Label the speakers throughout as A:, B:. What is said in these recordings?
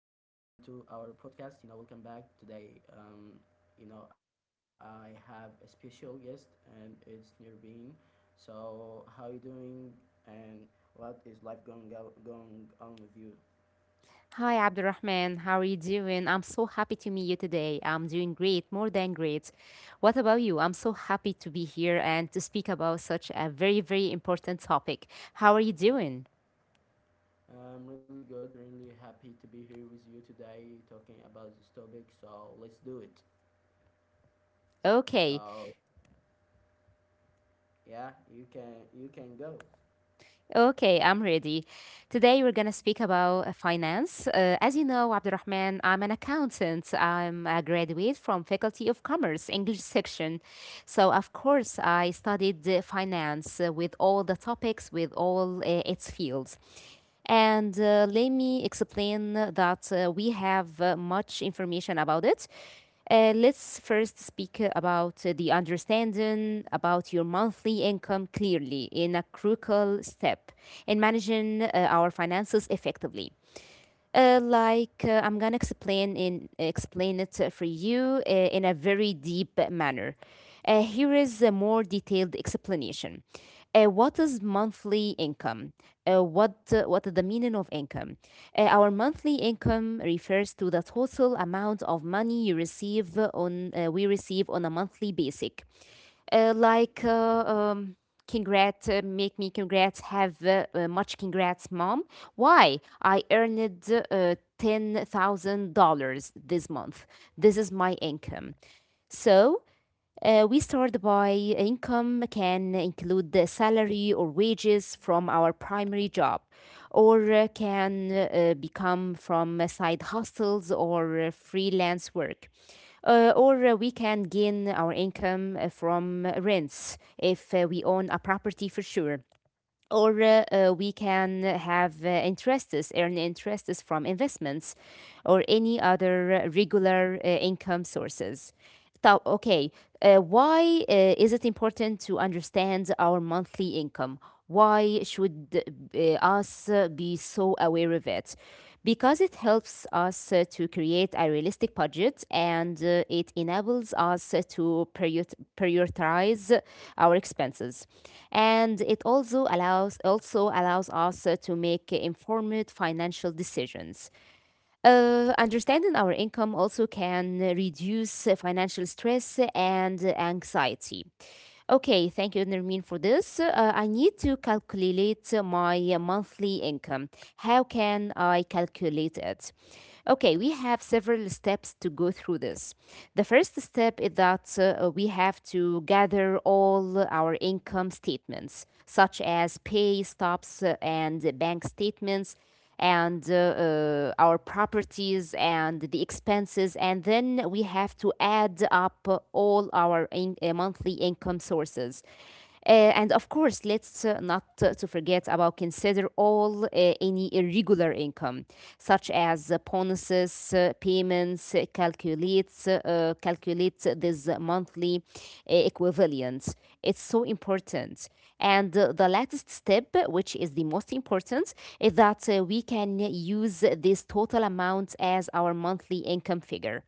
A: to our podcast. You know, welcome back today. You know, I have a special guest, and it's Nirbin. So, how you doing? And what is life going going on with you?
B: Hi, Abdurrahman. How are you doing? I'm so happy to meet you today. I'm doing great, more than great. What about you? I'm so happy to be here and to speak about such a very, very important topic. How are you doing?
A: I'm really good. Really happy to be here with you today, talking about this topic. So, let's do it.
B: Okay,
A: So, yeah, you can go.
B: okay, I'm ready. Today we're gonna speak about finance. As you know, Abdurrahman, I'm an accountant. I'm a graduate from Faculty of Commerce, English section. So of course, I studied finance with all the topics, with all its fields. And let me explain that we have much information about it. Let's first speak about the understanding about your monthly income clearly in a crucial step in managing our finances effectively. I'm gonna explain it for you in a very deep manner. Here is a more detailed explanation. What is monthly income? What is the meaning of income? Our monthly income refers to the total amount of money you receive on we receive on a monthly basic. Uh, like uh, um, Congrats, make me congrats, have much congrats, mom. Why? I earned $10,000 this month. This is my income. So we start by income can include the salary or wages from our primary job, or can become from side hustles or freelance work. Or we can gain our income from rents if we own a property for sure. Or We can have interests, earn interests from investments or any other regular income sources. So, okay, why is it important to understand our monthly income? Why should uh, us be so aware of it? Because it helps us to create a realistic budget, and it enables us to prioritize our expenses. And it also allows us to make informed financial decisions. Understanding our income also can reduce financial stress and anxiety. Okay, thank you, Nermin, for this. I need to calculate my monthly income. How can I calculate it? Okay, we have several steps to go through this. The first step is that we have to gather all our income statements, such as pay stubs and bank statements and our properties and the expenses, and then we have to add up all monthly income sources, uh, and of course, let's not to forget about consider all any irregular income, such as bonuses, payments, calculate this monthly equivalent. It's so important. And the latest step, which is the most important, is that we can use this total amount as our monthly income figure.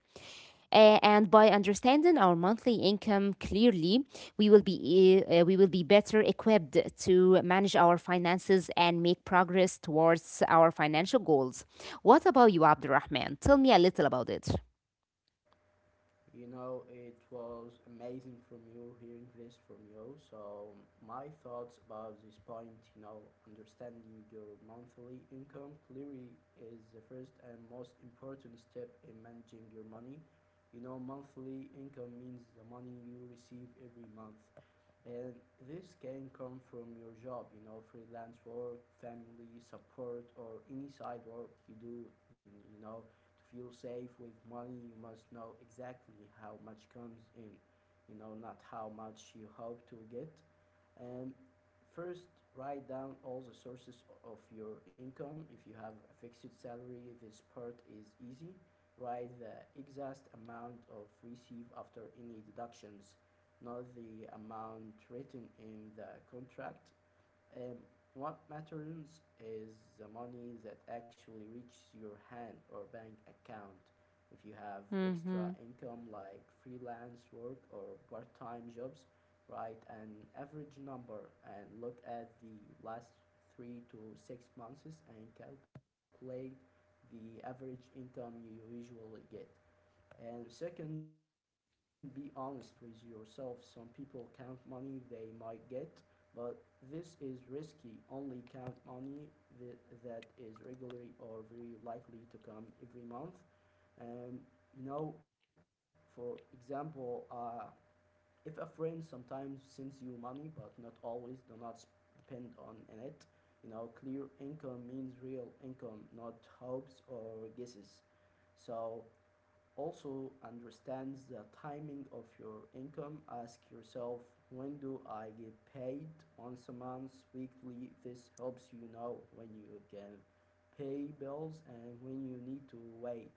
B: And by understanding our monthly income clearly, we will be better equipped to manage our finances and make progress towards our financial goals. What about you, Abdurrahman? Tell me a little about it.
A: You know, it was amazing from you hearing this from you. So, my thoughts about this point, you know, understanding your monthly income clearly is the first and most important step in managing your money. You know, monthly income means the money you receive every month. And this can come from your job, you know, freelance work, family support, or any side work you do. You know, to feel safe with money, you must know exactly how much comes in, you know, not how much you hope to get. Um, First, write down all the sources of your income. If you have a fixed salary, this part is easy. Write the exact amount of receive after any deductions, not the amount written in the contract. Um, what matters is the money that actually reaches your hand or bank account. If you have extra
B: Mm-hmm.
A: income like freelance work or part time jobs, write an average number and look at the last three to six months and calculate the average income you usually get. And second, be honest with yourself. Some people count money they might get, but this is risky. Only count money that, that is regularly or very likely to come every month. And you know, for example, if a friend sometimes sends you money, but not always, do not depend on it. You know, clear income means real income, not hopes or guesses. So also understands the timing of your income, ask yourself, when do I get paid? Once a month, weekly? This helps you know when you can pay bills and when you need to wait.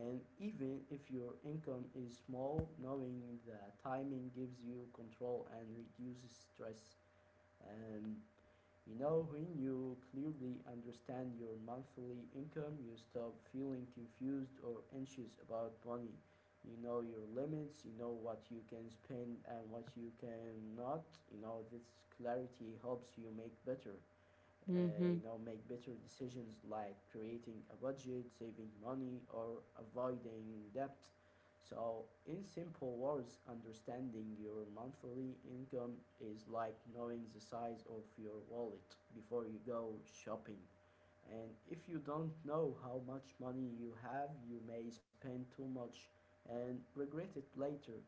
A: And even if your income is small, knowing the timing gives you control and reduces stress. And you know, when you clearly understand your monthly income, you stop feeling confused or anxious about money. You know your limits, you know what you can spend and what you cannot. You know, this clarity helps you make better you
B: Mm-hmm.
A: know, make better decisions like creating a budget, saving money, or avoiding debt. So in simple words, understanding your monthly income is like knowing the size of your wallet before you go shopping. And if you don't know how much money you have, you may spend too much and regret it later.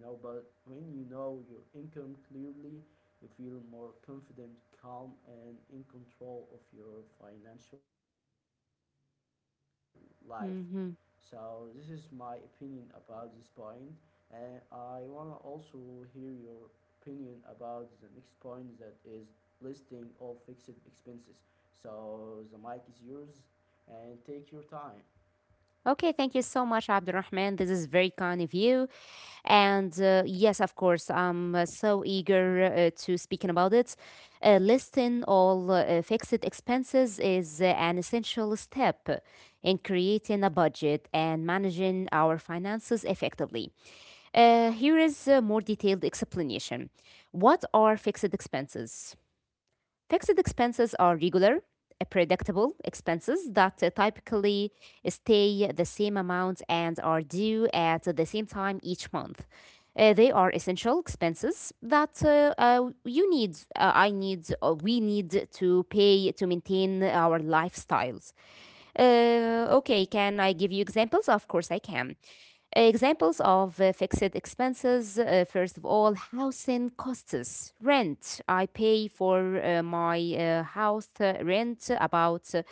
A: You know, but when you know your income clearly, you feel more confident, calm, and in control of your financial life. So this is my
B: Mm-hmm.
A: opinion about this point, and I wanna also hear your opinion about the next point, that is listing all fixed expenses. So the mic is yours, and take your time.
B: Okay, thank you so much, Abdurrahman. This is very kind of you. And yes, of course, I'm so eager to speaking about it. Listing all fixed expenses is an essential step in creating a budget and managing our finances effectively. Here is a more detailed explanation. What are fixed expenses? Fixed expenses are regular, predictable expenses that typically stay the same amount and are due at the same time each month. They are essential expenses that you need, I need, we need to pay to maintain our lifestyles. Okay, can I give you examples? Of course, I can. Examples of fixed expenses. First of all, housing costs, rent. I pay for my house rent about uh,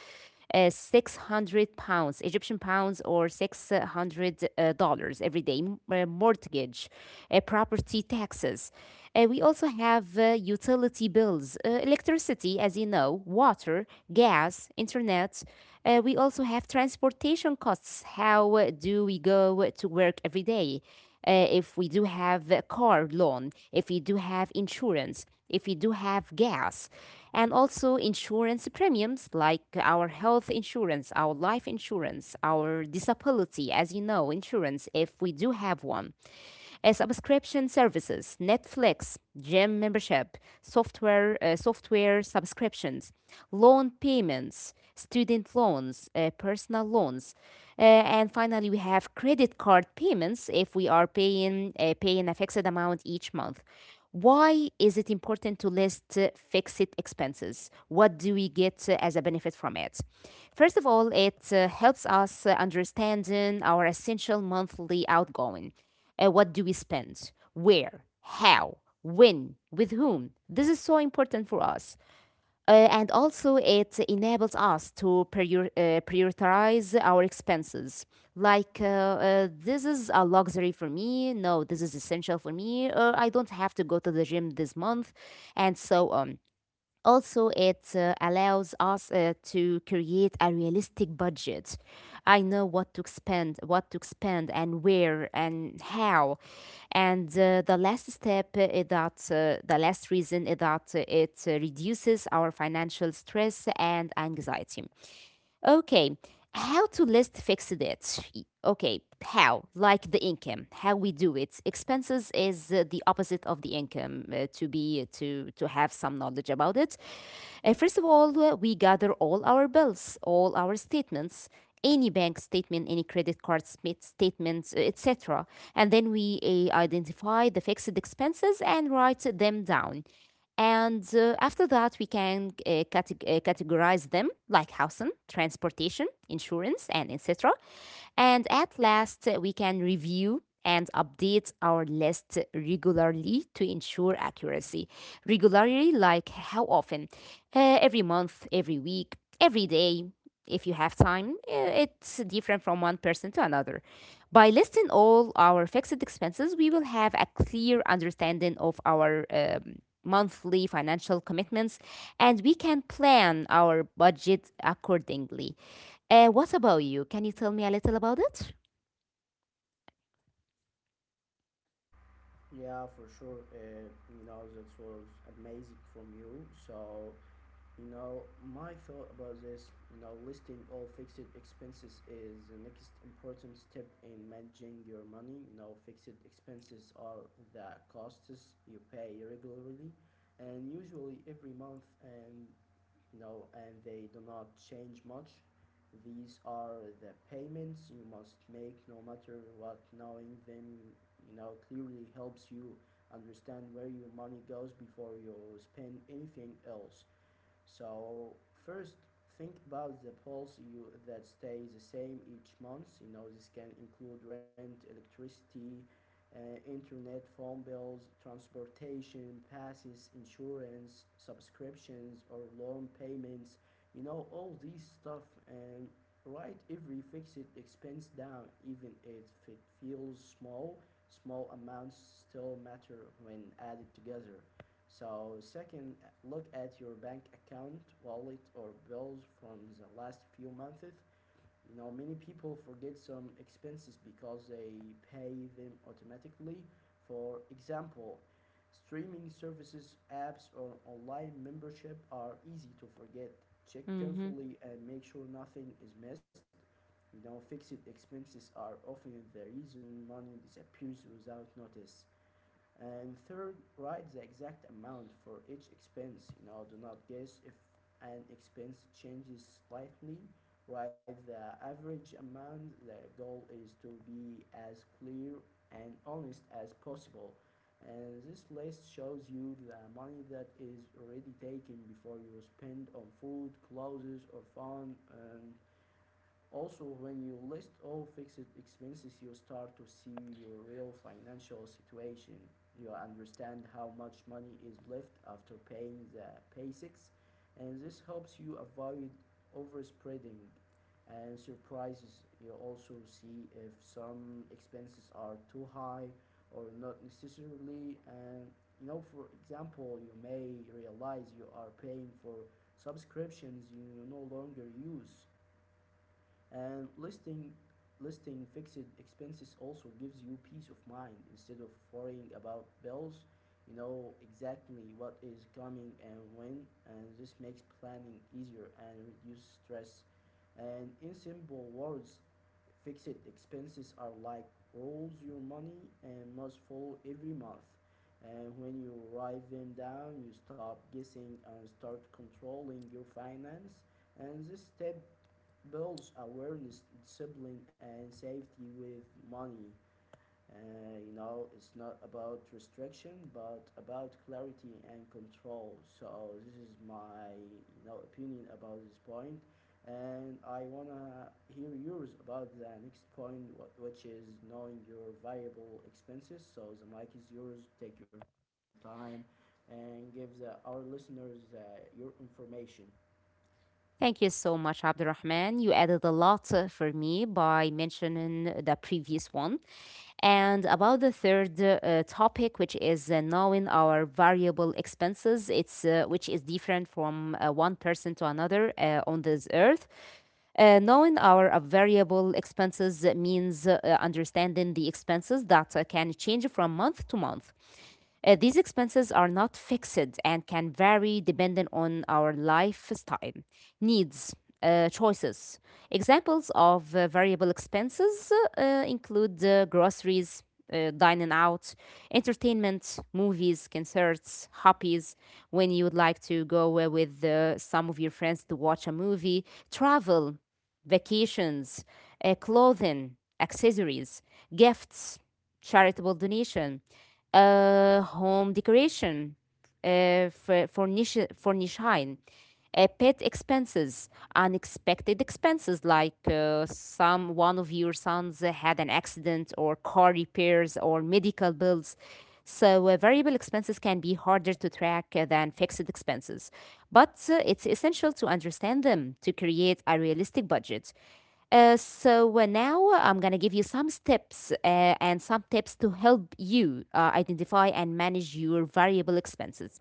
B: uh, 600 pounds, Egyptian pounds, or 600 dollars every day. Mortgage, property taxes. We also have utility bills, electricity, as you know, water, gas, internet. We also have transportation costs. How do we go to work every day? If we do have a car loan, if we do have insurance, if we do have gas, and also insurance premiums like our health insurance, our life insurance, our disability, as you know, insurance, if we do have one, subscription services, Netflix, gym membership, software, software subscriptions, loan payments, student loans, personal loans, and finally we have credit card payments if we are paying paying a fixed amount each month. Why is it important to list fixed expenses? What do we get as a benefit from it? First of all, it helps us understanding our essential monthly outgoing. What do we spend? Where? How? When? With whom? This is so important for us. And also, it enables us to prioritize our expenses. Like, this is a luxury for me. No, this is essential for me. I don't have to go to the gym this month, and so on. Also, it allows us to create a realistic budget. I know what to spend, and where and how. And the last step is that the last reason is that it reduces our financial stress and anxiety. Okay, how to list fixed it? Okay, how? Like the income, how we do it. Expenses is the opposite of the income. To have some knowledge about it. First of all, we gather all our bills, all our statements, any bank statement, any credit card statements, etc. And then we identify the fixed expenses and write them down. And after that, we can categorize them like housing, transportation, insurance, and etc. And at last, we can review and update our list regularly to ensure accuracy. Regularly, like how often? Every month, every week, every day. If you have time, it's different from one person to another. By listing all our fixed expenses, we will have a clear understanding of our monthly financial commitments, and we can plan our budget accordingly. What about you? Can you tell me a little about it?
A: Yeah, for sure. You know, that was amazing from you. So you know, my thought about this, you know, listing all fixed expenses is the next important step in managing your money. You know, fixed expenses are the costs you pay regularly and usually every month, and you know, and they do not change much. These are the payments you must make no matter what. Knowing them, you know, clearly helps you understand where your money goes before you spend anything else. So first, think about the bills you that stay the same each month. You know, this can include rent, electricity, internet, phone bills, transportation, passes, insurance, subscriptions, or loan payments. You know all these stuff, and write every fixed expense down, even if it feels small. Small amounts still matter when added together. So second, look at your bank account, wallet, or bills from the last few months. You know, many people forget some expenses because they pay them automatically. For example, streaming services, apps, or online membership are easy to forget. Check
B: Mhm.
A: carefully and make sure nothing is missed. You know, fixed expenses are often the reason money disappears without notice. And third, write the exact amount for each expense. You know, do not guess if an expense changes slightly. Write the average amount. The goal is to be as clear and honest as possible. And this list shows you the money that is already taken before you spend on food, clothes, or fun. And also, when you list all fixed expenses, you start to see your real financial situation. You understand how much money is left after paying the basics, and this helps you avoid overspreading and surprises. You also see if some expenses are too high or not necessarily. And you know, for example, you may realize you are paying for subscriptions you no longer use. And listing fixed expenses also gives you peace of mind instead of worrying about bills. You know exactly what is coming and when, and this makes planning easier and reduce stress. And in simple words, fixed expenses are like rolls your money and must follow every month. And when you write them down, you stop guessing and start controlling your finance. And this step builds awareness, discipline, and safety with money. You know, it's not about restriction, but about clarity and control. So this is my you know opinion about this point, and I wanna hear yours about the next point, which is knowing your variable expenses. So the mic is yours. Take your time, and give the, our listeners your information.
B: Thank you so much, Abdurrahman. You added a lot for me by mentioning the previous one. And about the third topic, which is knowing our variable expenses, it's which is different from one person to another on this earth. Knowing our variable expenses means understanding the expenses that can change from month to month. These expenses are not fixed and can vary depending on our lifestyle, needs, choices. Examples of variable expenses include groceries, dining out, entertainment, movies, concerts, hobbies, when you would like to go with some of your friends to watch a movie, travel, vacations, clothing, accessories, gifts, charitable donation, home decoration, furnishing, pet expenses, unexpected expenses like some one of your sons had an accident, or car repairs, or medical bills. So variable expenses can be harder to track than fixed expenses, but it's essential to understand them to create a realistic budget. Now I'm gonna give you some steps and some tips to help you identify and manage your variable expenses.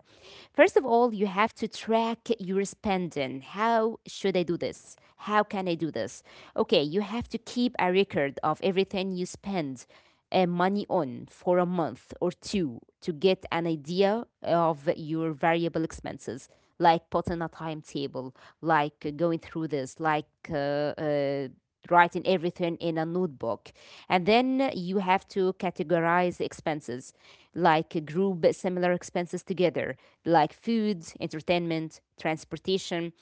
B: First of all, you have to track your spending. How should I do this? How can I do this? Okay, you have to keep a record of everything you spend money on for a month or two to get an idea of your variable expenses, like putting a timetable, like going through this, like uh, writing everything in a notebook, and then you have to categorize expenses like group similar expenses together like food, entertainment, transportation.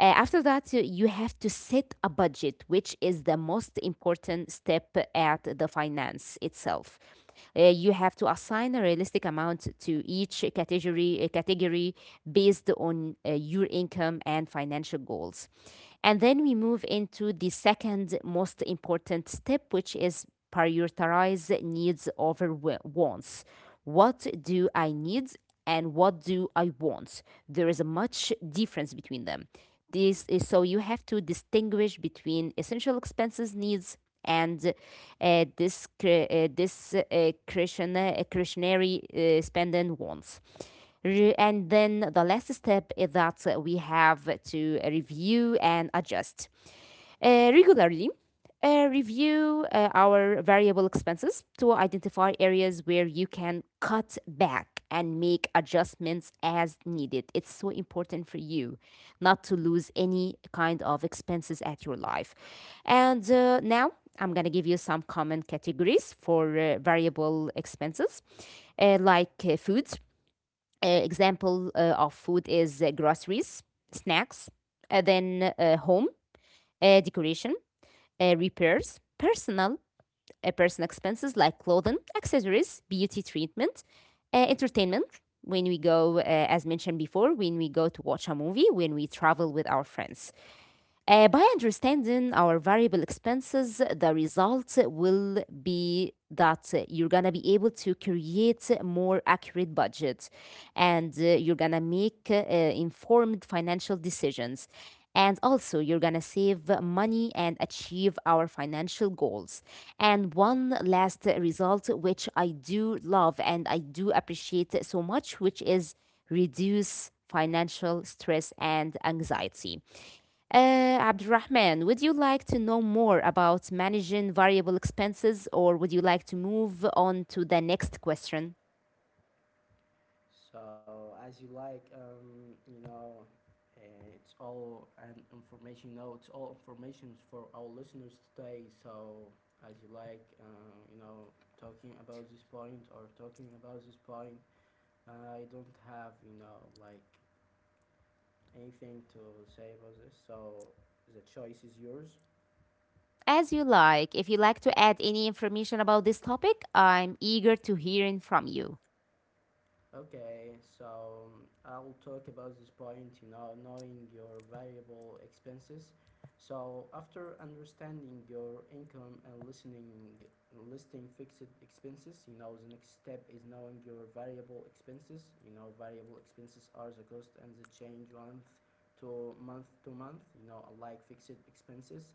B: Uh, after that, you have to set a budget, which is the most important step at the finance itself. You have to assign a realistic amount to each category, category based on your income and financial goals. And then we move into the second most important step, which is prioritize needs over wants. What do I need and what do I want? There is a much difference between them. This is, so you have to distinguish between essential expenses needs and this this discretionary spending wants. And then the last step is that we have to review and adjust. Regularly, review our variable expenses to identify areas where you can cut back and make adjustments as needed. It's so important for you not to lose any kind of expenses at your life. And now, I'm going to give you some common categories for variable expenses, like food. Example of food is groceries, snacks, then home, decoration, repairs, personal expenses like clothing, accessories, beauty treatment, entertainment. When we go, uh, as mentioned before, when we go to watch a movie, when we travel with our friends. By understanding our variable expenses, the result will be that you're gonna be able to create a more accurate budget, and you're gonna make informed financial decisions. And also, you're gonna save money and achieve our financial goals. And one last result, which I do love and I do appreciate so much, which is reduce financial stress and anxiety. Abdurrahman, would you like to know more about managing variable expenses or would you like to move on to the next question?
A: So as you like, you know, it's all an information. You know, it's all information for our listeners today. So as you like, you know, talking about this point or talking about this point, I don't have you know like anything to say about this. So the choice is yours.
B: As you like. If you like to add any information about this topic, I'm eager to hearing from you.
A: Okay, so I'll talk about this point, you know, knowing your variable expenses. So after understanding your income and listening listing fixed expenses, you know, the next step is knowing your variable expenses. You know, variable expenses are the cost and the change month to month, you know, unlike fixed expenses,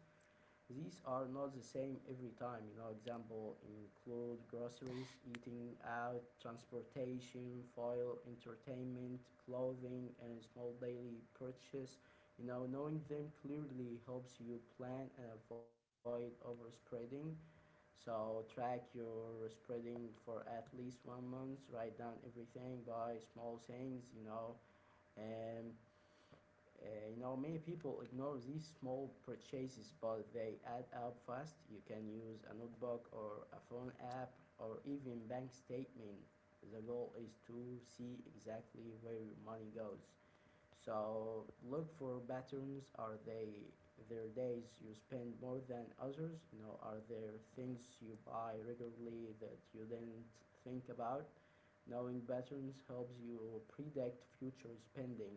A: these are not the same every time. You know, example include groceries, eating out, transportation, foil, entertainment, clothing, and small daily purchase. You know, knowing them clearly helps you plan and avoid overspreading. So track your spreading for at least one month, write down everything by small things. You know, and you know, many people ignore these small purchases, but they add up fast. You can use a notebook or a phone app or even bank statement. The goal is to see exactly where your money goes. So look for patterns. Are they there days you spend more than others? You know, are there things you buy regularly that you didn't think about? Knowing patterns helps you predict future spending.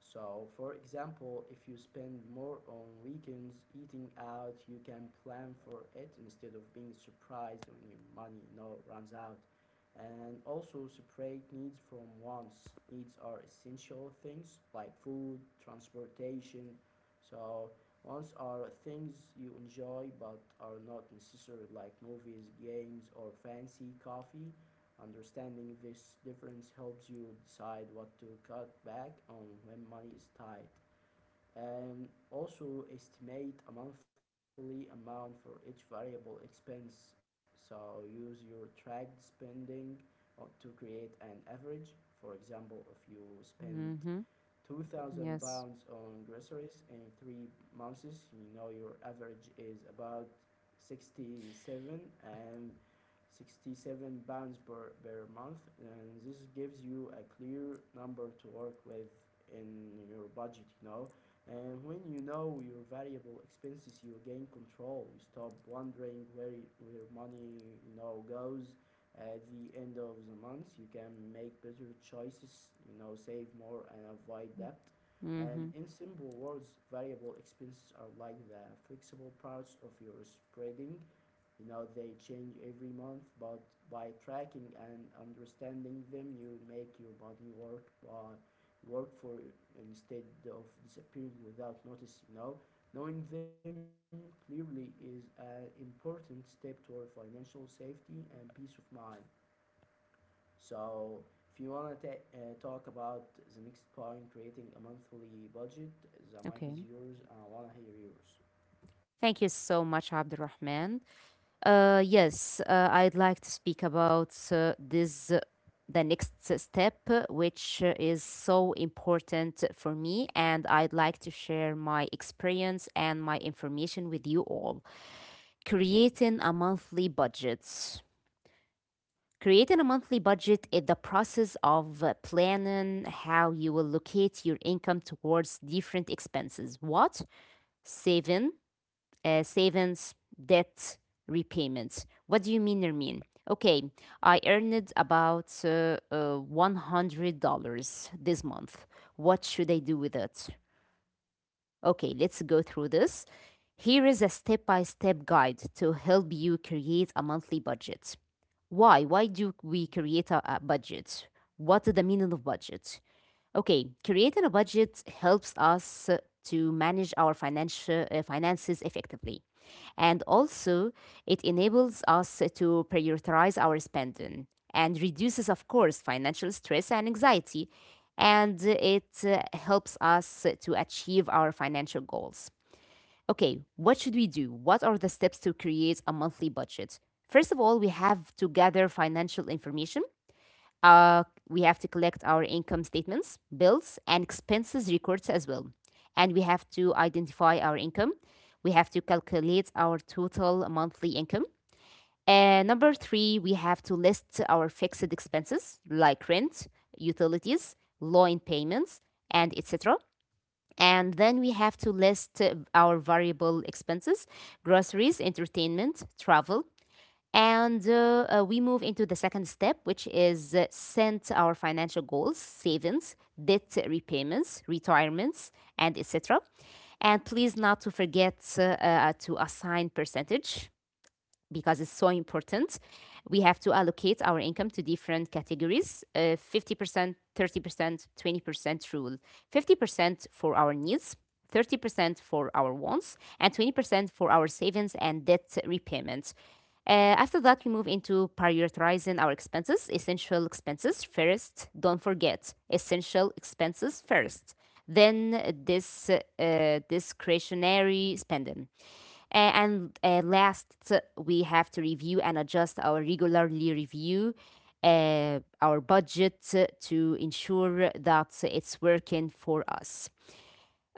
A: So, for example, if you spend more on weekends eating out, you can plan for it instead of being surprised when your money, you know, runs out. And also separate needs from wants. Needs are essential things like food, transportation, so wants are things you enjoy but are not necessary, like movies, games, or fancy coffee. Understanding this difference helps you decide what to cut back on when money is tight. And also estimate a monthly amount for each variable expense. So use your tracked spending to create an average. For example, if you spend
B: Hmm.
A: 2000 pounds on groceries in 3 months, you know your average is about 67 and 67 pounds per month, and this gives you a clear number to work with in your budget. You know, and when you know your variable expenses, you gain control. You stop wondering where your money, you know, goes at the end of the month. You can make better choices, you know, save more and avoid debt. And in simple words, variable expenses are like the flexible parts of your spreading. You know, they change every month, but by tracking and understanding them, you make your body work by work for instead of disappearing without notice. You know, knowing them clearly is an important step toward financial safety and peace of mind. So if you want to talk about the next point, creating a monthly budget, the mic is
B: Okay.
A: yours, and I want to hear yours.
B: Thank you so much, Abdurrahman. Yes, I'd like to speak about the next step, which is so important for me. And I'd like to share my experience and my information with you all. Creating a monthly budget. Creating a monthly budget is the process of planning how you will allocate your income towards different expenses. What? Saving, savings, debt repayments. What do you mean, Nermeen? Okay, I earned about $100 this month. What should I do with it? Okay, let's go through this. Here is a step by step guide to help you create a monthly budget. Why? Why do we create a budget? What is the meaning of budget? Okay, creating a budget helps us to manage our financial finances effectively. And also, it enables us to prioritize our spending and reduces, of course, financial stress and anxiety. And it helps us to achieve our financial goals. Okay, what should we do? What are the steps to create a monthly budget? First of all, we have to gather financial information. We have to collect our income statements, bills, and expenses records as well. And we have to identify our income. We have to calculate our total monthly income. And number three, we have to list our fixed expenses like rent, utilities, loan payments, and etc. And then we have to list our variable expenses, groceries, entertainment, travel, and we move into the second step, which is set our financial goals, savings, debt repayments, retirements, and etc. And please not to forget to assign percentage because it's so important. We have to allocate our income to different categories 50%, 30%, 20% rule. 50% for our needs, 30% for our wants, and 20% for our savings and debt repayment. After that, we move into prioritizing our expenses, essential expenses first. Don't forget, essential expenses first. Then this discretionary spending. A- and Last, we have to review and adjust our, regularly review our budget to ensure that it's working for us.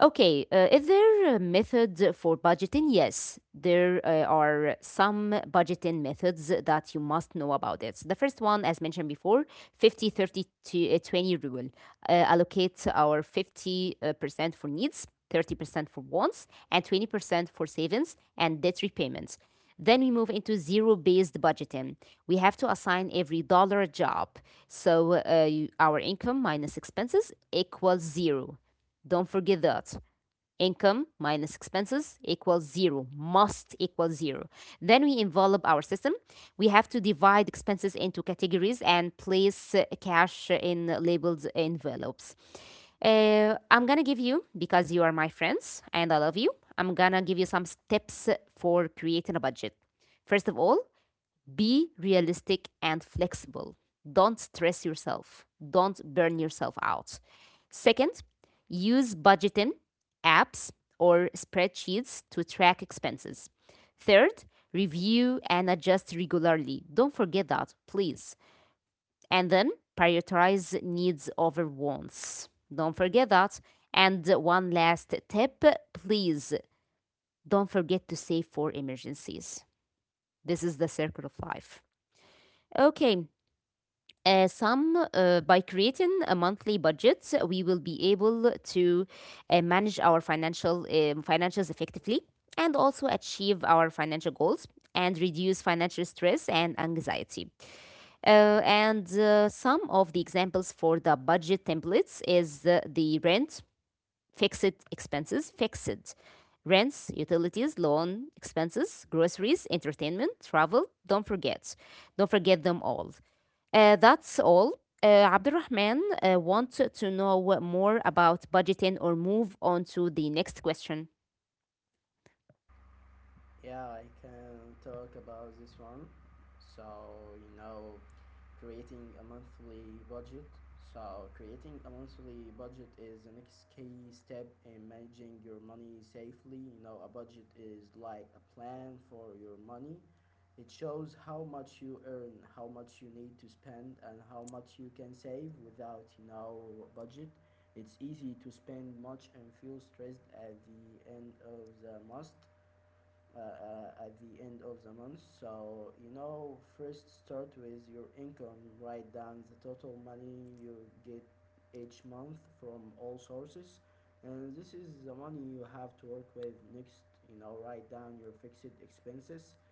B: Okay, is there a method for budgeting? Yes, there are some budgeting methods that you must know about it. The first one, as mentioned before, 50 30 20 rule. Allocate our 50% percent for needs, 30% for wants, and 20% for savings and debt repayments. Then we move into zero based budgeting. We have to assign every dollar a job. So our income minus expenses equals zero. Don't forget that. Income minus expenses equals zero, must equal zero. Then we envelop our system. We have to divide expenses into categories and place cash in labeled envelopes. I'm gonna give you, because you are my friends and I love you, I'm gonna give you some tips for creating a budget. First of all, be realistic and flexible. Don't stress yourself. Don't burn yourself out. Second, use budgeting apps or spreadsheets to track expenses. Third, review and adjust regularly. Don't forget that, please. And then prioritize needs over wants. Don't forget that. And one last tip, please don't forget to save for emergencies. This is the circle of life. Okay. Some By creating a monthly budget, we will be able to manage our financials effectively and also achieve our financial goals and reduce financial stress and anxiety. And Some of the examples for the budget templates is the rent, fixed expenses, fixed rents, utilities, loan expenses, groceries, entertainment, travel. Don't forget them all. That's all. Abdurrahman wanted to know more about budgeting or move on to the next question.
A: Yeah, I can talk about this one. So, you know, creating a monthly budget. So, creating a monthly budget is the next key step in managing your money safely. You know, a budget is like a plan for your money. It shows how much you earn, how much you need to spend, and how much you can save without, you know, budget. It's easy to spend much and feel stressed at the end of the month uh, at the end of the month. So, you know, first start with your income, write down the total money you get each month from all sources. And this is the money you have to work with next. You know, write down your fixed expenses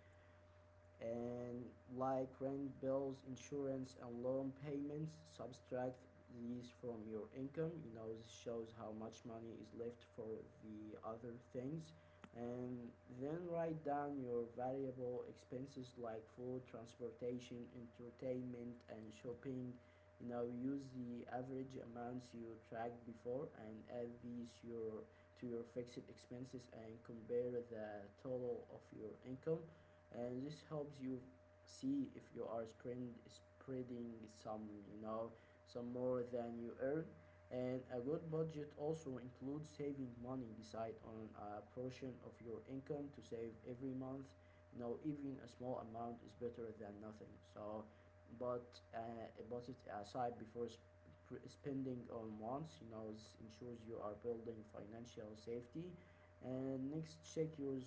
A: and like rent, bills, insurance, and loan payments, subtract these from your income. You know, this shows how much money is left for the other things. And then write down your variable expenses like food, transportation, entertainment, and shopping. You know, use the average amounts you tracked before and add these your to your fixed expenses and compare the total of your income, and this helps you see if you are spreading some, you know, some more than you earn. And a good budget also includes saving money. Decide on a portion of your income to save every month. You know, even a small amount is better than nothing. So but uh, but it aside before spending on wants, you know, this ensures you are building financial safety. And next check your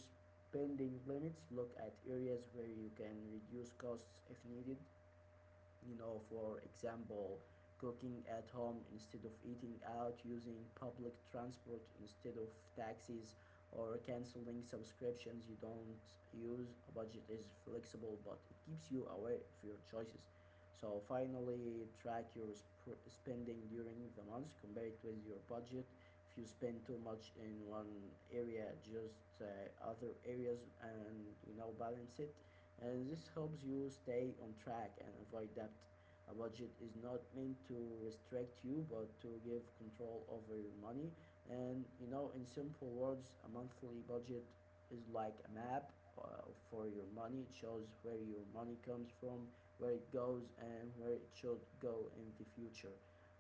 A: pending limits, look at areas where you can reduce costs if needed. You know, for example, cooking at home instead of eating out, using public transport instead of taxis, or canceling subscriptions you don't use. A budget is flexible, but it keeps you aware of your choices. So finally, track your spending during the month. Compare it with your budget. If you spend too much in one area, just other areas, and you know balance it, and this helps you stay on track and avoid debt. A budget is not meant to restrict you but to give control over your money. And you know, in simple words, a monthly budget is like a map for your money. It shows where your money comes from, where it goes, and where it should go in the future.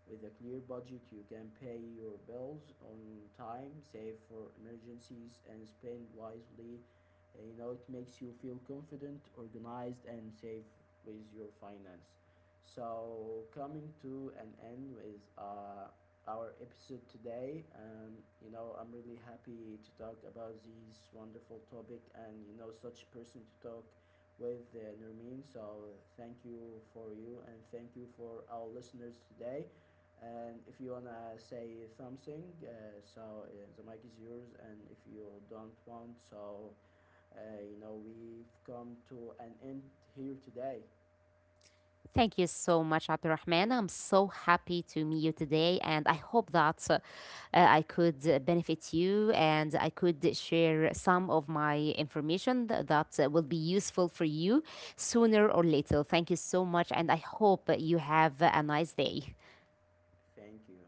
A: With a clear budget, you can pay your bills on time, save for emergencies, and spend wisely. You know, it makes you feel confident, organized, and safe with your finance. So coming to an end with our episode today, and you know I'm really happy to talk about this wonderful topic and you know such person to talk with Nurmin. So thank you for you and thank you for our listeners today. And if you wanna say something, so the mic is yours. And if you don't want, so uh, you know, we've come to an end here today.
B: Thank you so much, Abdurrahman. I'm so happy to meet you today, and I hope that I could benefit you and I could share some of my information that will be useful for you sooner or later. Thank you so much, and I hope you have a nice day.
A: Thank you.